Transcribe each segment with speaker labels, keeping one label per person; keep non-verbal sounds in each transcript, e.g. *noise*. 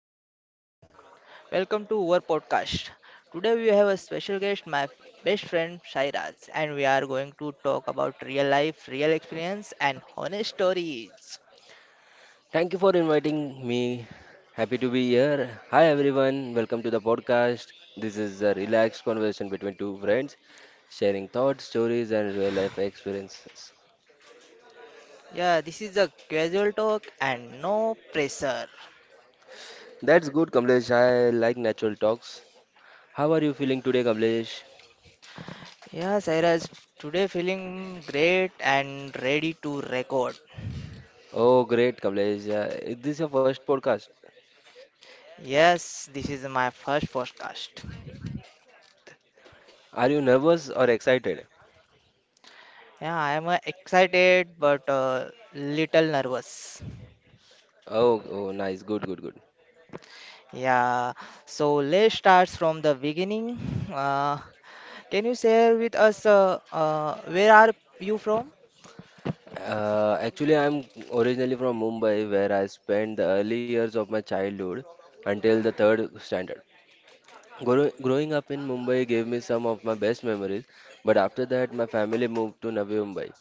Speaker 1: everyone, welcome to our podcast. Today we have a special guest, my best friend Shairaj, and we are going to talk about real life, real experience, and honest stories.
Speaker 2: Thank you for inviting me. Happy to be here. Hi everyone, welcome to the podcast. This is a relaxed conversation between two friends, sharing thoughts, stories, and real life experiences.
Speaker 1: Yeah, this is a casual talk and no pressure.
Speaker 2: That's good, Kamlesh. I like natural talks. How are you feeling today, Kamlesh?
Speaker 1: Yeah, Sairaj, today feeling great and ready to record.
Speaker 2: Oh, great, Kamlesh. Is this your first podcast?
Speaker 1: Yes, this is my first podcast.
Speaker 2: Are you nervous or excited?
Speaker 1: Yeah, I am excited but little nervous.
Speaker 2: Oh, oh, nice. Good, good, good.
Speaker 1: Yeah, so let's start from the beginning. Uh, can you share with us where are you from?
Speaker 2: Actually, I'm originally from Mumbai, where I spent the early years of my childhood until the third standard. Growing up in Mumbai gave me some of my best memories, but after that, my family moved to Navi Mumbai.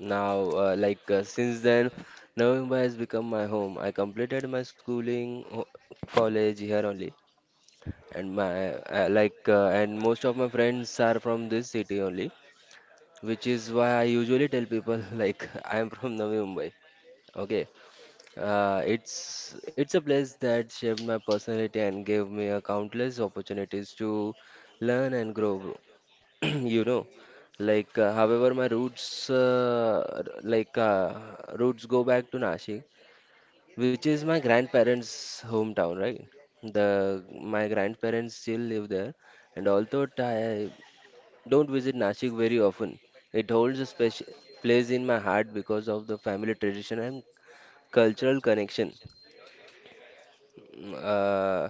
Speaker 2: Now, since then, Navi Mumbai has become my home. I completed my schooling, college here only, and my like and most of my friends are from this city only, which is why I usually tell people *laughs* like I am from Navi Mumbai. Okay, it's a place that shaped my personality and gave me a countless opportunities to learn and grow. *clears throat* You know, however my roots r- like roots go back to Nashik, which is my grandparents' hometown, right? The my grandparents still live there, and although I don't visit Nashik very often, it holds a special place in my heart because of the family tradition and cultural connection. Uh,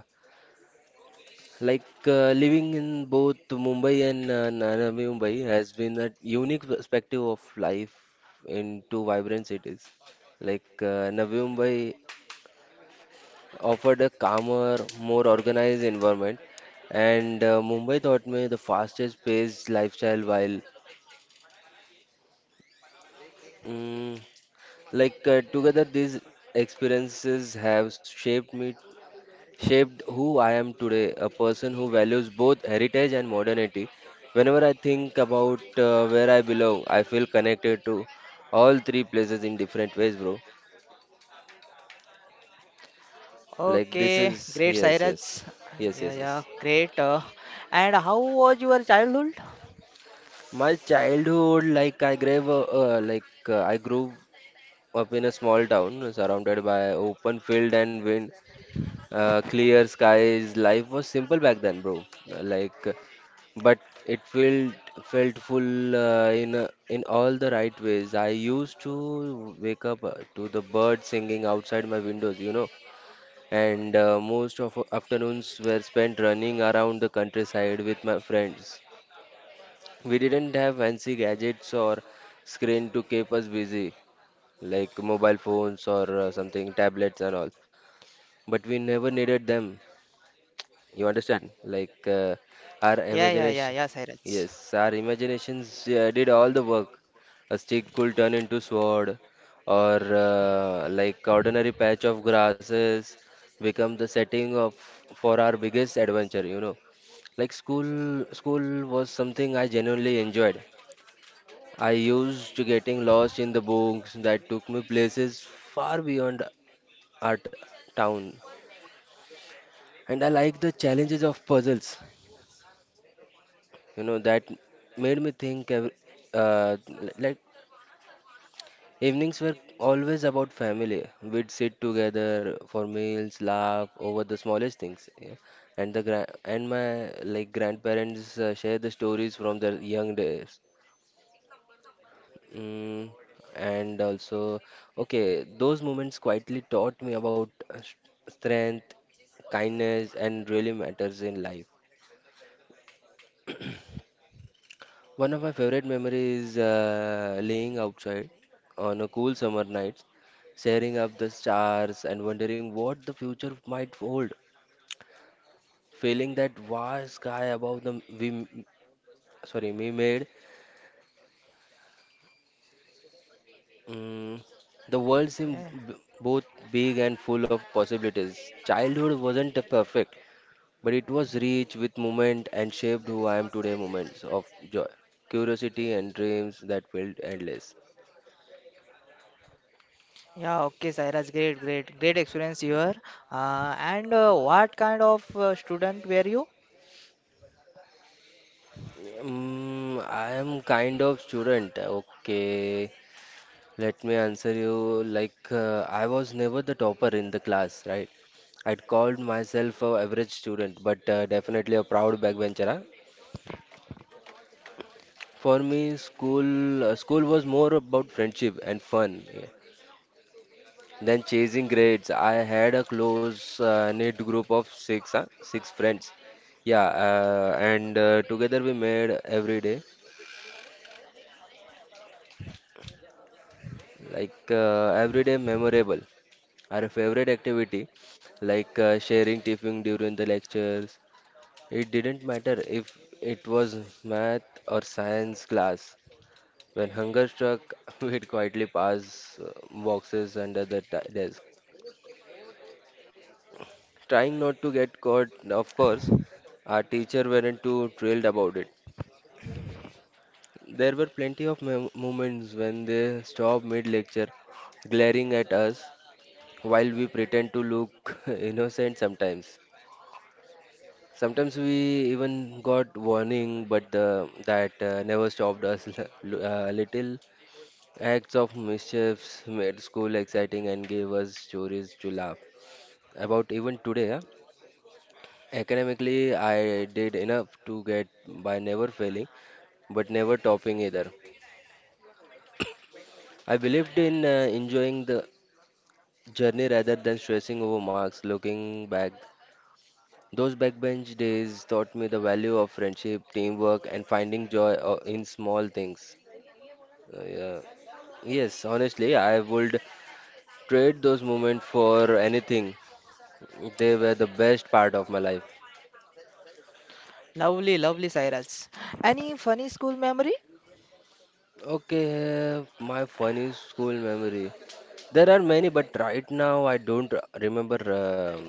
Speaker 2: Living in both Mumbai and Navi Mumbai has been a unique perspective of life in two vibrant cities. Navi Mumbai offered a calmer, more organized environment, and Mumbai taught me the fastest paced lifestyle, while mm, together these experiences have shaped me shaped who I am today, a person who values both heritage and modernity. Whenever I think about where I belong, I feel connected to all three places in different ways, bro. Like this
Speaker 1: Okay,
Speaker 2: is
Speaker 1: great,
Speaker 2: yes,
Speaker 1: Cyrus.
Speaker 2: yes, yes,
Speaker 1: Yeah,
Speaker 2: yes,
Speaker 1: yeah,
Speaker 2: yes.
Speaker 1: great. And how was your childhood?
Speaker 2: My childhood, I grew up in a small town surrounded by open field and wind. Clear skies, life was simple back then, bro. Uh, Like, uh, but it felt full in all the right ways. I used to wake up to the birds singing outside my windows, you know, and most of our afternoons were spent running around the countryside with my friends. We didn't have fancy gadgets or screen to keep us busy, like mobile phones or something, tablets and all. But we never needed them. You understand? Our
Speaker 1: Yeah, yeah, yeah, yeah,
Speaker 2: imagination,
Speaker 1: Cyrus.
Speaker 2: yes, our imaginations did all the work. A stick could turn into sword, or ordinary patch of grasses become the setting of for our biggest adventure. You know, like school was something I genuinely enjoyed. I used to getting lost in the books that took me places far beyond our town, and I liked the challenges of puzzles. You know, that made me think ev- uh, like evenings were always about family. We'd sit together for meals, laugh over the smallest things. Yeah. And the gra and my like grandparents share the stories from their young days. Mm, and also, okay, those moments quietly taught me about strength, kindness, and really matters in life. One of my favorite memories is laying outside on a cool summer night, staring up the stars and wondering what the future might hold. Feeling that vast sky above the we m- sorry we made, mm, the world
Speaker 1: Yeah,
Speaker 2: seemed both big and full of possibilities. Childhood wasn't a perfect, but it was rich with moment and shaped who I am today. Moments of joy, curiosity, and dreams that felt endless.
Speaker 1: yeah, okay, Cyrus, great, great, great experience you are. And what kind of student were you?
Speaker 2: I am kind of student. Okay, let me answer you. I was never the topper in the class, right? I'd called myself a average student, but definitely a proud backbencher. Huh? For me, school was more about friendship and fun, yeah, than chasing grades. I had a close knit group of six, huh? Six friends. Yeah, and together we made every day memorable. Our favorite activity, sharing tiffin during the lectures, it didn't matter if it was math or science class. When hunger struck, *laughs* we'd quietly pass boxes under the t desk, trying not to get caught. Of course, our teacher weren't too thrilled about it. There were plenty of moments when they stopped mid-lecture, glaring at us while we pretend to look *laughs* innocent sometimes. Sometimes we even got warning, but that never stopped us. *laughs* Little acts of mischiefs made school exciting and gave us stories to laugh about even today. Huh? Academically, I did enough to get by, never failing, but never topping either. I believed in enjoying the journey rather than stressing over marks. Looking back, those backbench days taught me the value of friendship, teamwork, and finding joy in small things. Yeah. Yes, honestly, I would trade those moments for anything. They were the best part of my life.
Speaker 1: Lovely, lovely, Cyrus. Any funny school memory?
Speaker 2: Okay, my funny school memory. There are many, but right now I don't remember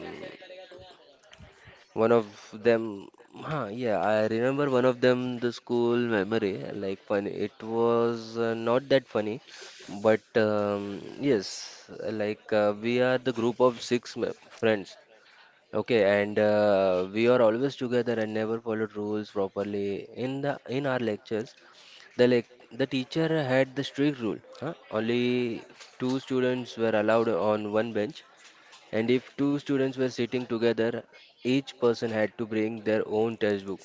Speaker 2: one of them. Huh, yeah, I remember one of them, the school memory. Like funny, it was not that funny, but yes, we are the group of six friends. Okay, and we are always together and never followed rules properly. In our lectures, the lec the teacher had the strict rule, huh? Only two students were allowed on one bench, and if two students were sitting together, each person had to bring their own textbook.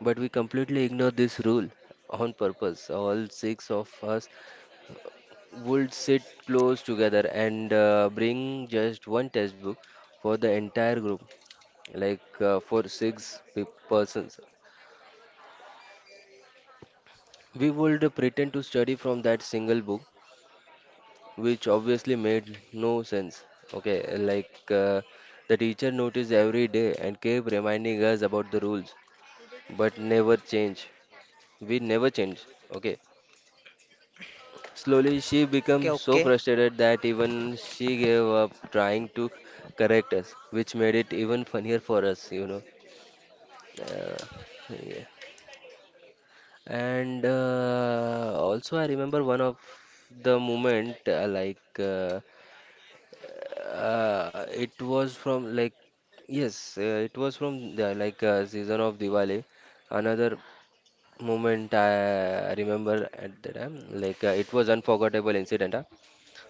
Speaker 2: But we completely ignored this rule on purpose. All six of us would sit close together and bring just one textbook for the entire group, for six persons. We would pretend to study from that single book, which obviously made no sense. Okay, the teacher noticed every day and kept reminding us about the rules, but never change. We never change. Okay. Slowly, she
Speaker 1: Okay,
Speaker 2: became so
Speaker 1: okay.
Speaker 2: frustrated that even she gave up trying to correct us, which made it even funnier for us, you know. Uh, yeah. And also, I remember one of the moment like it was from like yes, it was from the season of Diwali. Another moment I remember at the time, it was unforgettable incident. Huh?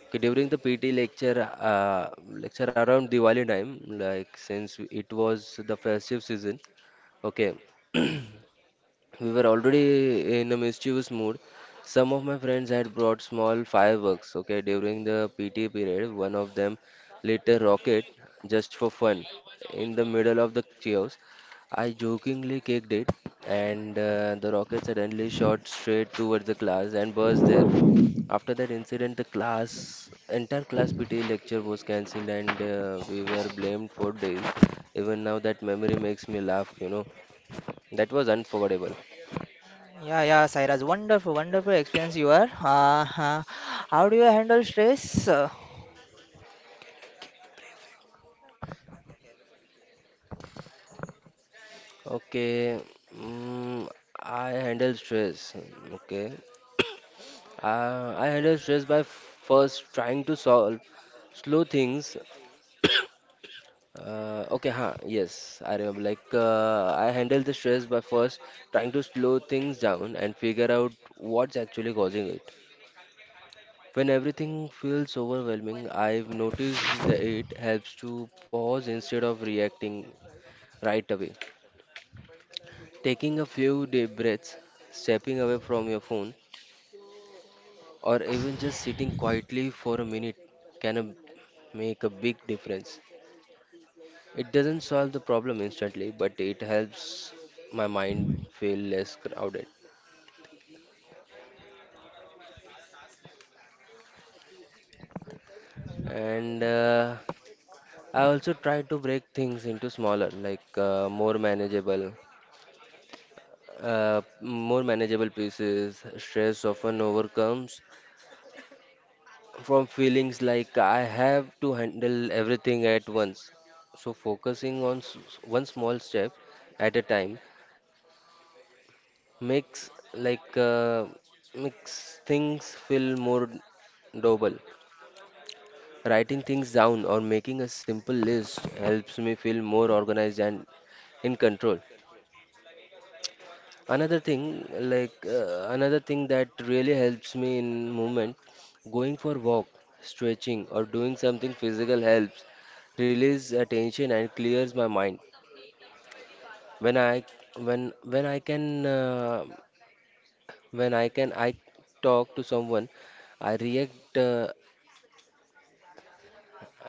Speaker 2: Okay, during the PT lecture around Diwali time, like since it was the festive season. Okay. We were already in a mischievous mood. Some of my friends had brought small fireworks. Okay, during the PT period, one of them lit a rocket just for fun. In the middle of the chaos, I jokingly kicked it, and the rocket suddenly shot straight towards the class and burst there. After that incident, entire class PT lecture was cancelled, and we were blamed for days. Even now, that memory makes me laugh, you know. That was unforgettable.
Speaker 1: Yeah, yeah, Sairaj. Wonderful, wonderful experience you are. How do you handle stress?
Speaker 2: Okay, mm, I handle stress. Okay, I handle stress by first trying to solve slow things. Okay, huh, yes, I remember. Like, I handle the stress by first trying to slow things down and figure out what's actually causing it. When everything feels overwhelming, I've noticed that it helps to pause instead of reacting right away. Taking a few deep breaths, stepping away from your phone or even just sitting quietly for a minute can make a big difference. It doesn't solve the problem instantly, but it helps my mind feel less crowded. And I also try to break things into smaller, more manageable pieces. Stress often overcomes from feelings like I have to handle everything at once. So focusing on one small step at a time makes makes things feel more doable. Writing things down or making a simple list helps me feel more organized and in control. Another thing, another thing that really helps me in movement, going for walk, stretching, or doing something physical helps release attention and clears my mind. When I when when I can uh, when I can I talk to someone, I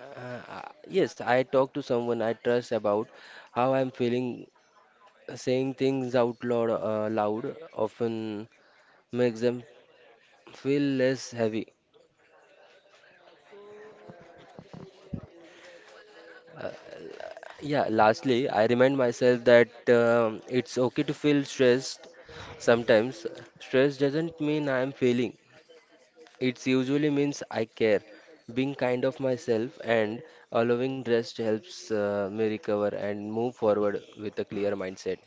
Speaker 2: uh, yes, I talk to someone I trust about how I'm feeling. Saying things out loud, loud often makes them feel less heavy. Uh, yeah. Lastly, I remind myself that it's okay to feel stressed. Sometimes stress doesn't mean I'm failing. It usually means I care, being kind of myself, and allowing rest helps me recover and move forward with a clear mindset.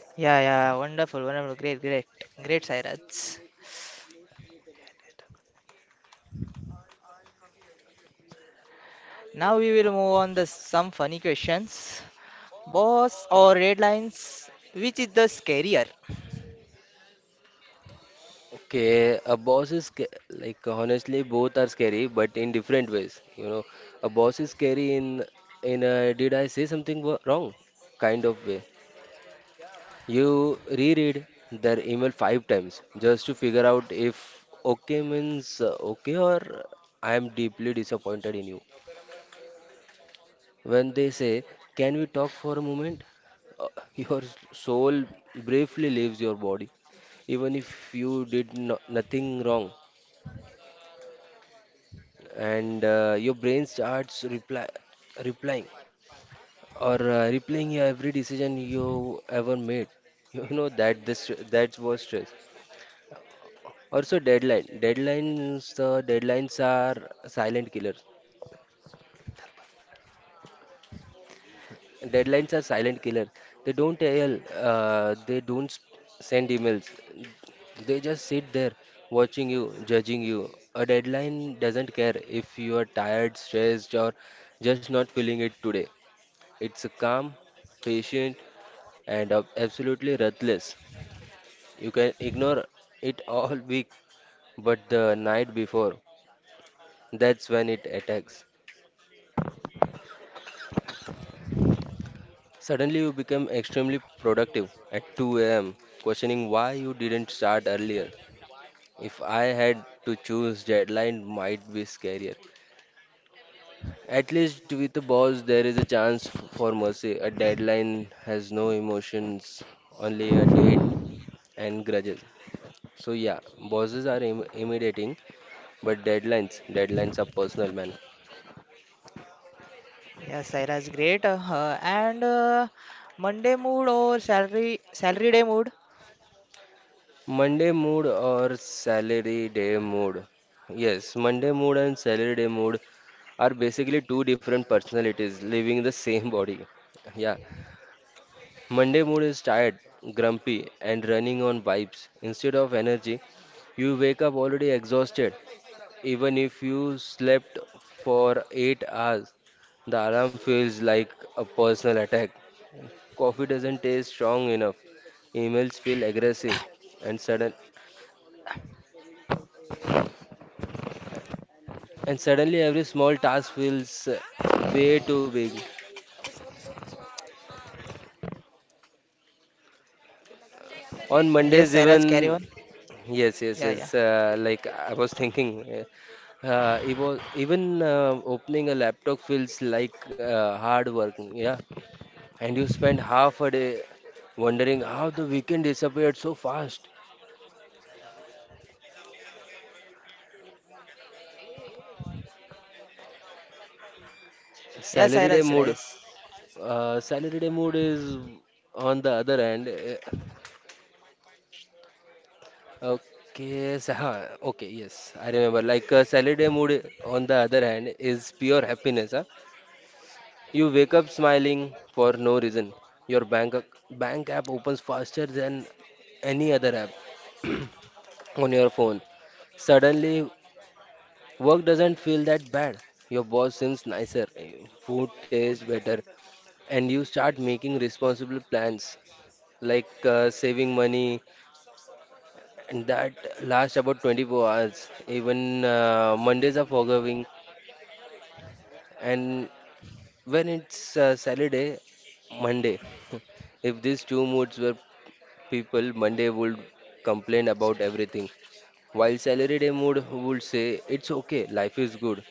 Speaker 1: Yeah, yeah, wonderful, wonderful. Great, great, great, Sairaj. Now we will move on to some funny questions. Boss or red lines? Which is the scarier?
Speaker 2: Okay, a boss is sca- like honestly both are scary, but in different ways. You know, a boss is scary in a did I say something wrong kind of way. You reread their email five times just to figure out if okay means okay or I am deeply disappointed in you. When they say, "Can we talk for a moment?" Uh, *laughs* Your soul briefly leaves your body, even if you did nothing wrong, and your brain starts replying or replaying your every decision you ever made. *laughs* You know that this that was stress. Also, Deadlines. The deadlines are silent killers. Deadlines are silent killer. They don't yell, they don't send emails. They just sit there watching you, judging you. A deadline doesn't care if you are tired, stressed, or just not feeling it today. It's calm, patient, and absolutely ruthless. You can ignore it all week, but the night before, that's when it attacks. Suddenly you become extremely productive at 2 a.m., questioning why you didn't start earlier. If I had to choose, deadline might be scarier. At least with the boss, there is a chance for mercy. A deadline has no emotions, only a date and grudges. So, yeah, bosses are intimidating, but deadlines are personal, man.
Speaker 1: Yeah, Sairaj, great. And Monday mood or salary day mood?
Speaker 2: Monday mood or salary day mood? Yes, Monday mood and salary day mood are basically two different personalities living in the same body. Yeah, Monday mood is tired, grumpy, and running on vibes. Instead of energy, you wake up already exhausted. Even if you slept for 8 hours, the alarm feels like a personal attack. Coffee doesn't taste strong enough. Emails feel aggressive and sudden. And suddenly every small task feels way too big. On
Speaker 1: Yes,
Speaker 2: Mondays,
Speaker 1: Sairaj, carry on.
Speaker 2: even yes,
Speaker 1: Yeah,
Speaker 2: yes,
Speaker 1: yeah.
Speaker 2: yes. Like I was thinking, it was even opening a laptop feels like hard work. Yeah, and you spend half a day wondering how the weekend disappeared so fast.
Speaker 1: Yeah,
Speaker 2: Salary day
Speaker 1: Sairaj,
Speaker 2: mood.
Speaker 1: yes.
Speaker 2: Salary day mood is on the other hand. Okay, so, okay, yes, I remember. Like a Saturday mood, on the other hand, is pure happiness. Huh? You wake up smiling for no reason. Your bank app opens faster than any other app *clears throat* on your phone. Suddenly, work doesn't feel that bad. Your boss seems nicer, food tastes better, and you start making responsible plans like saving money, and that lasts about 24 hours. Even Mondays are forgiving, and when it's Saturday, Monday. *laughs* If these two moods were people, Monday would complain about everything, while Saturday mood would say it's okay, life is good.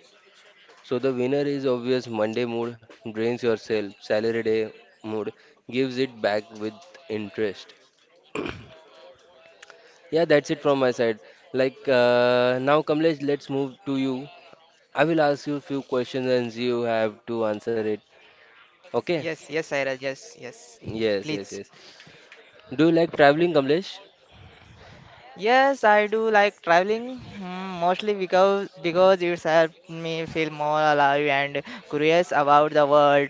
Speaker 2: So the winner is obvious. Monday mood drains yourself. Saturday mood gives it back with interest. Yeah, that's it from my side. Like now, Kamlesh, let's move to you. I will ask you few questions and you have to answer it. Okay?
Speaker 1: Yes, yes, Sairaj, yes, yes.
Speaker 2: Yes, yes,
Speaker 1: Please.
Speaker 2: yes. Do you like traveling, Kamlesh?
Speaker 1: Yes, I do like traveling, mm, mostly because it's helped me feel more alive and curious about the world.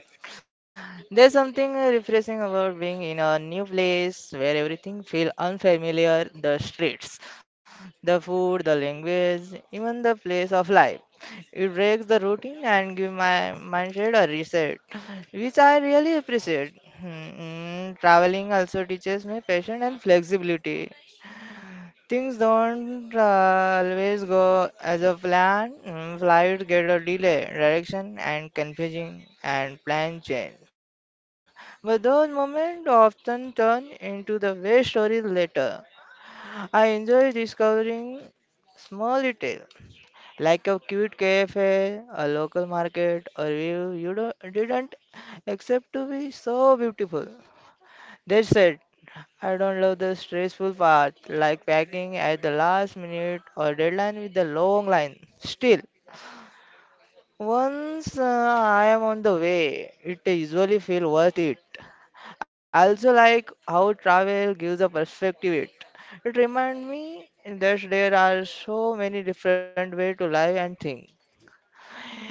Speaker 1: There's something refreshing about being in a new place where everything feels unfamiliar, the streets, the food, the language, even the place of life. It breaks the routine and give my mindset a reset, which I really appreciate. Traveling also teaches me patience and flexibility. Things don't always go as a plan. Mm, flights get a delay, direction and confusing, and plan change. But those moments often turn into the best stories later. I enjoy discovering small details, like a cute cafe, a local market, or view didn't expect to be so beautiful. That's it. I don't love the stressful part, like packing at the last minute or deadline with the long line. Still, once I am on the way, it usually feels worth it. I also like how travel gives a perspective. It reminds me that there are so many different ways to live and think.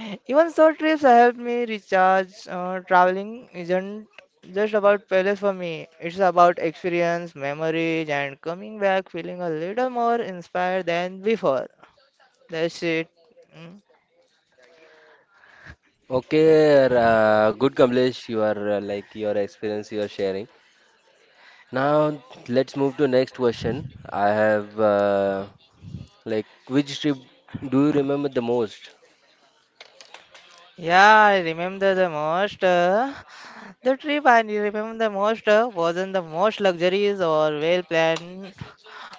Speaker 1: Even short trips help me recharge. Traveling isn't just about palace for me. It's about experience, memories, and coming back feeling a little more inspired than before. That's it. Mm.
Speaker 2: Okay, good Kamlesh, you are like your experience you are sharing. Now let's move to next question. I have like which trip do you remember the most?
Speaker 1: Yeah, I remember the most. The trip I remember the most wasn't the most luxurious or well planned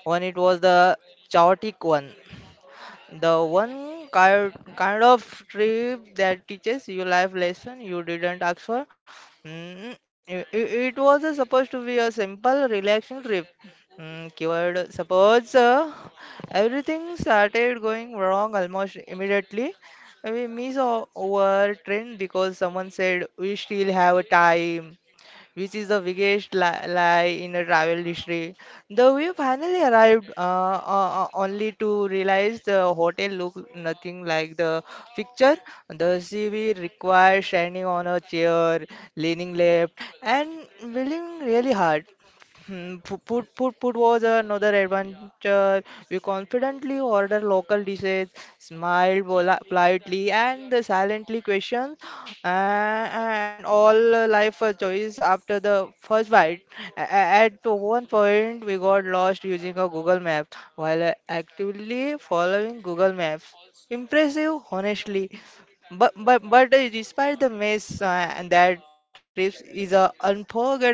Speaker 1: one. It was the chaotic one. The one kind of trip that teaches you life lesson you didn't ask for. Mm, it was supposed to be a simple relaxing trip. Mm, keyword suppose, everything started going wrong almost immediately. We miss our train because someone said we still have time, which is the biggest lie in the travel history. The we finally arrived, only to realize the hotel looked nothing like the picture. The CV required standing on a chair, leaning left, and breathing really hard. Hmm, food was another adventure. We confidently ordered local dishes, smiled politely and silently questioned, and all life choice after the first bite. At one point, we got lost using a Google Map while actively following Google Maps. Impressive, honestly. But Despite the mess, and that trip is unforgettable.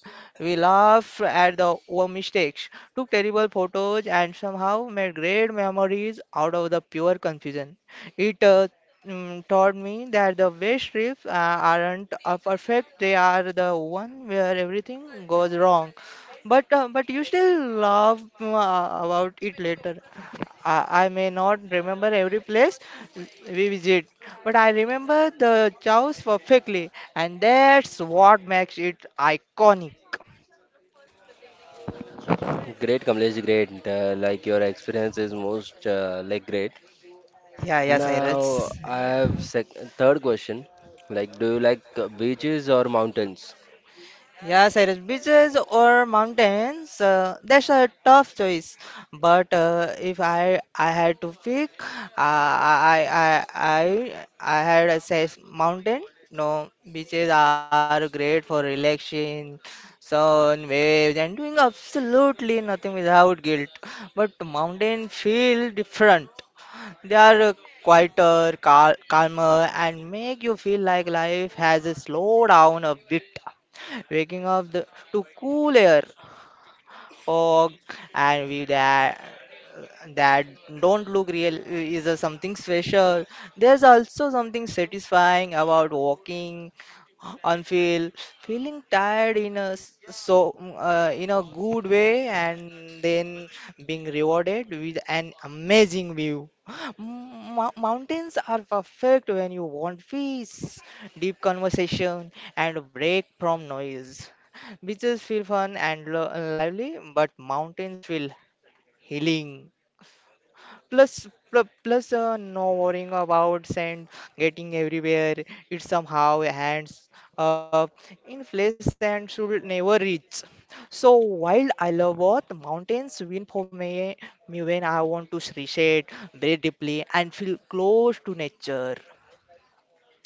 Speaker 1: We laughed at the our mistakes, took terrible photos, and somehow made great memories out of the pure confusion. It taught me that the best trips aren't perfect; they are the one where everything goes wrong. But you still laugh about it later. I may not remember every place we visit, but I remember the chows perfectly, and that's what makes it iconic.
Speaker 2: Great Kamlesh, great. Like your experience is most like great.
Speaker 1: Yeah, yeah,
Speaker 2: Now
Speaker 1: Cyrus.
Speaker 2: I
Speaker 1: Yeah.
Speaker 2: have sec third question. Like do you like beaches or mountains?
Speaker 1: Yeah, Cyrus. Beaches or mountains, that's a tough choice. But If I had to pick, I had a say mountain. No, beaches are great for relaxing, sun, waves, and doing absolutely nothing without guilt. But mountain feel different. They are quieter, calmer, and make you feel like life has slowed down a bit. Waking up to cool air or and view that don't look real is a something special. There's also something satisfying about walking on feeling tired in a so in a good way and then being rewarded with an amazing view. Mountains are perfect when you want peace, deep conversation and a break from noise. Beaches feel fun and lively, but mountains feel healing. Plus no worrying about sand getting everywhere. It somehow hands up in place and should never reach. So while I love both, mountains win for me, me when I want to appreciate, breathe deeply, and feel close to nature.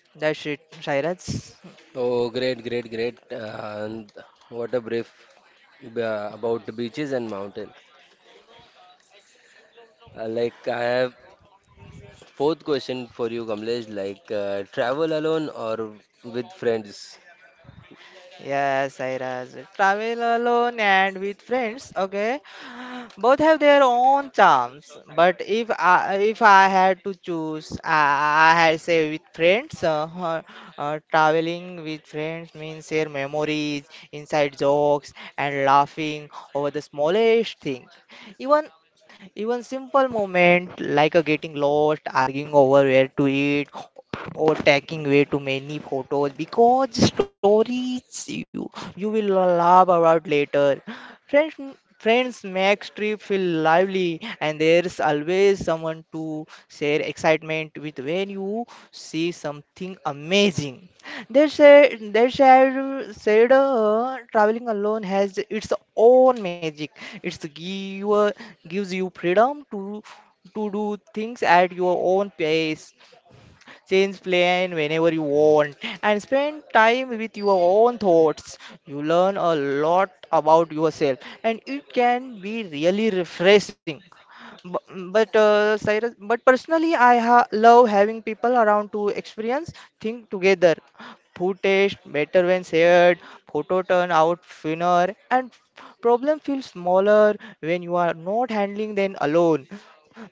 Speaker 1: That's it, Sairaj.
Speaker 2: Oh, great, great, great. And what a brief about the beaches and mountain. Like I have fourth question for you, Kamlesh. Like travel alone or with friends?
Speaker 1: Yes, Sairaj. Travel alone and with friends. Okay. Both have their own charms, but if I had to choose, I had say with friends. Traveling with friends means share memories, inside jokes, and laughing over the smallest thing. Even even simple moment like a getting lost, arguing over where to eat, or taking way too many photos because stories you will laugh about later. Friends friends make trip feel lively and there's always someone to share excitement with when you see something amazing. They said said Traveling alone has its own magic. It's give Gives you freedom to do things at your own pace, change plan whenever you want, and spend time with your own thoughts. You learn a lot about yourself, and it can be really refreshing. Bu- But Cyrus, but personally, I ha love having people around to experience things together. Food taste better when shared, photo turn out thinner, and problem feels smaller when you are not handling them alone.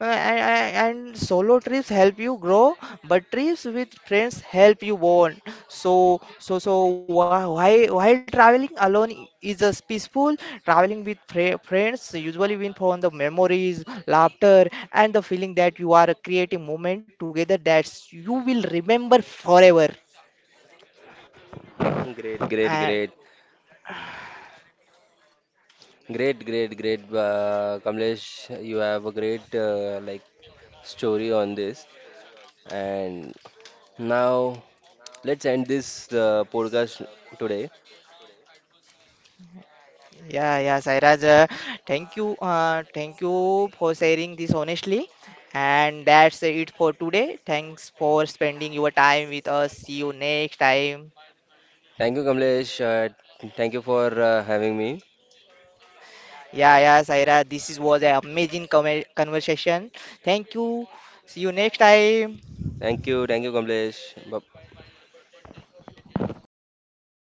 Speaker 1: And Solo trips help you grow, but trips with friends help you bond. So while traveling alone is a peaceful. Traveling with friends usually win from the memories, laughter, and the feeling that you are creating moment together that you will remember forever.
Speaker 2: Great, great,
Speaker 1: And
Speaker 2: great, great, great, great. Kamlesh, you have a great like story on this. And now let's end this podcast today.
Speaker 1: yeah, yeah, Sairaj, thank you for sharing this honestly. And that's it for today. Thanks for spending your time with us. See you next time.
Speaker 2: Thank you, Kamlesh. Thank you for having me.
Speaker 1: Yeah, yeah, Sairaj, was an amazing conversation. Thank you. See you next time.
Speaker 2: Thank you, Kamlesh. Bye.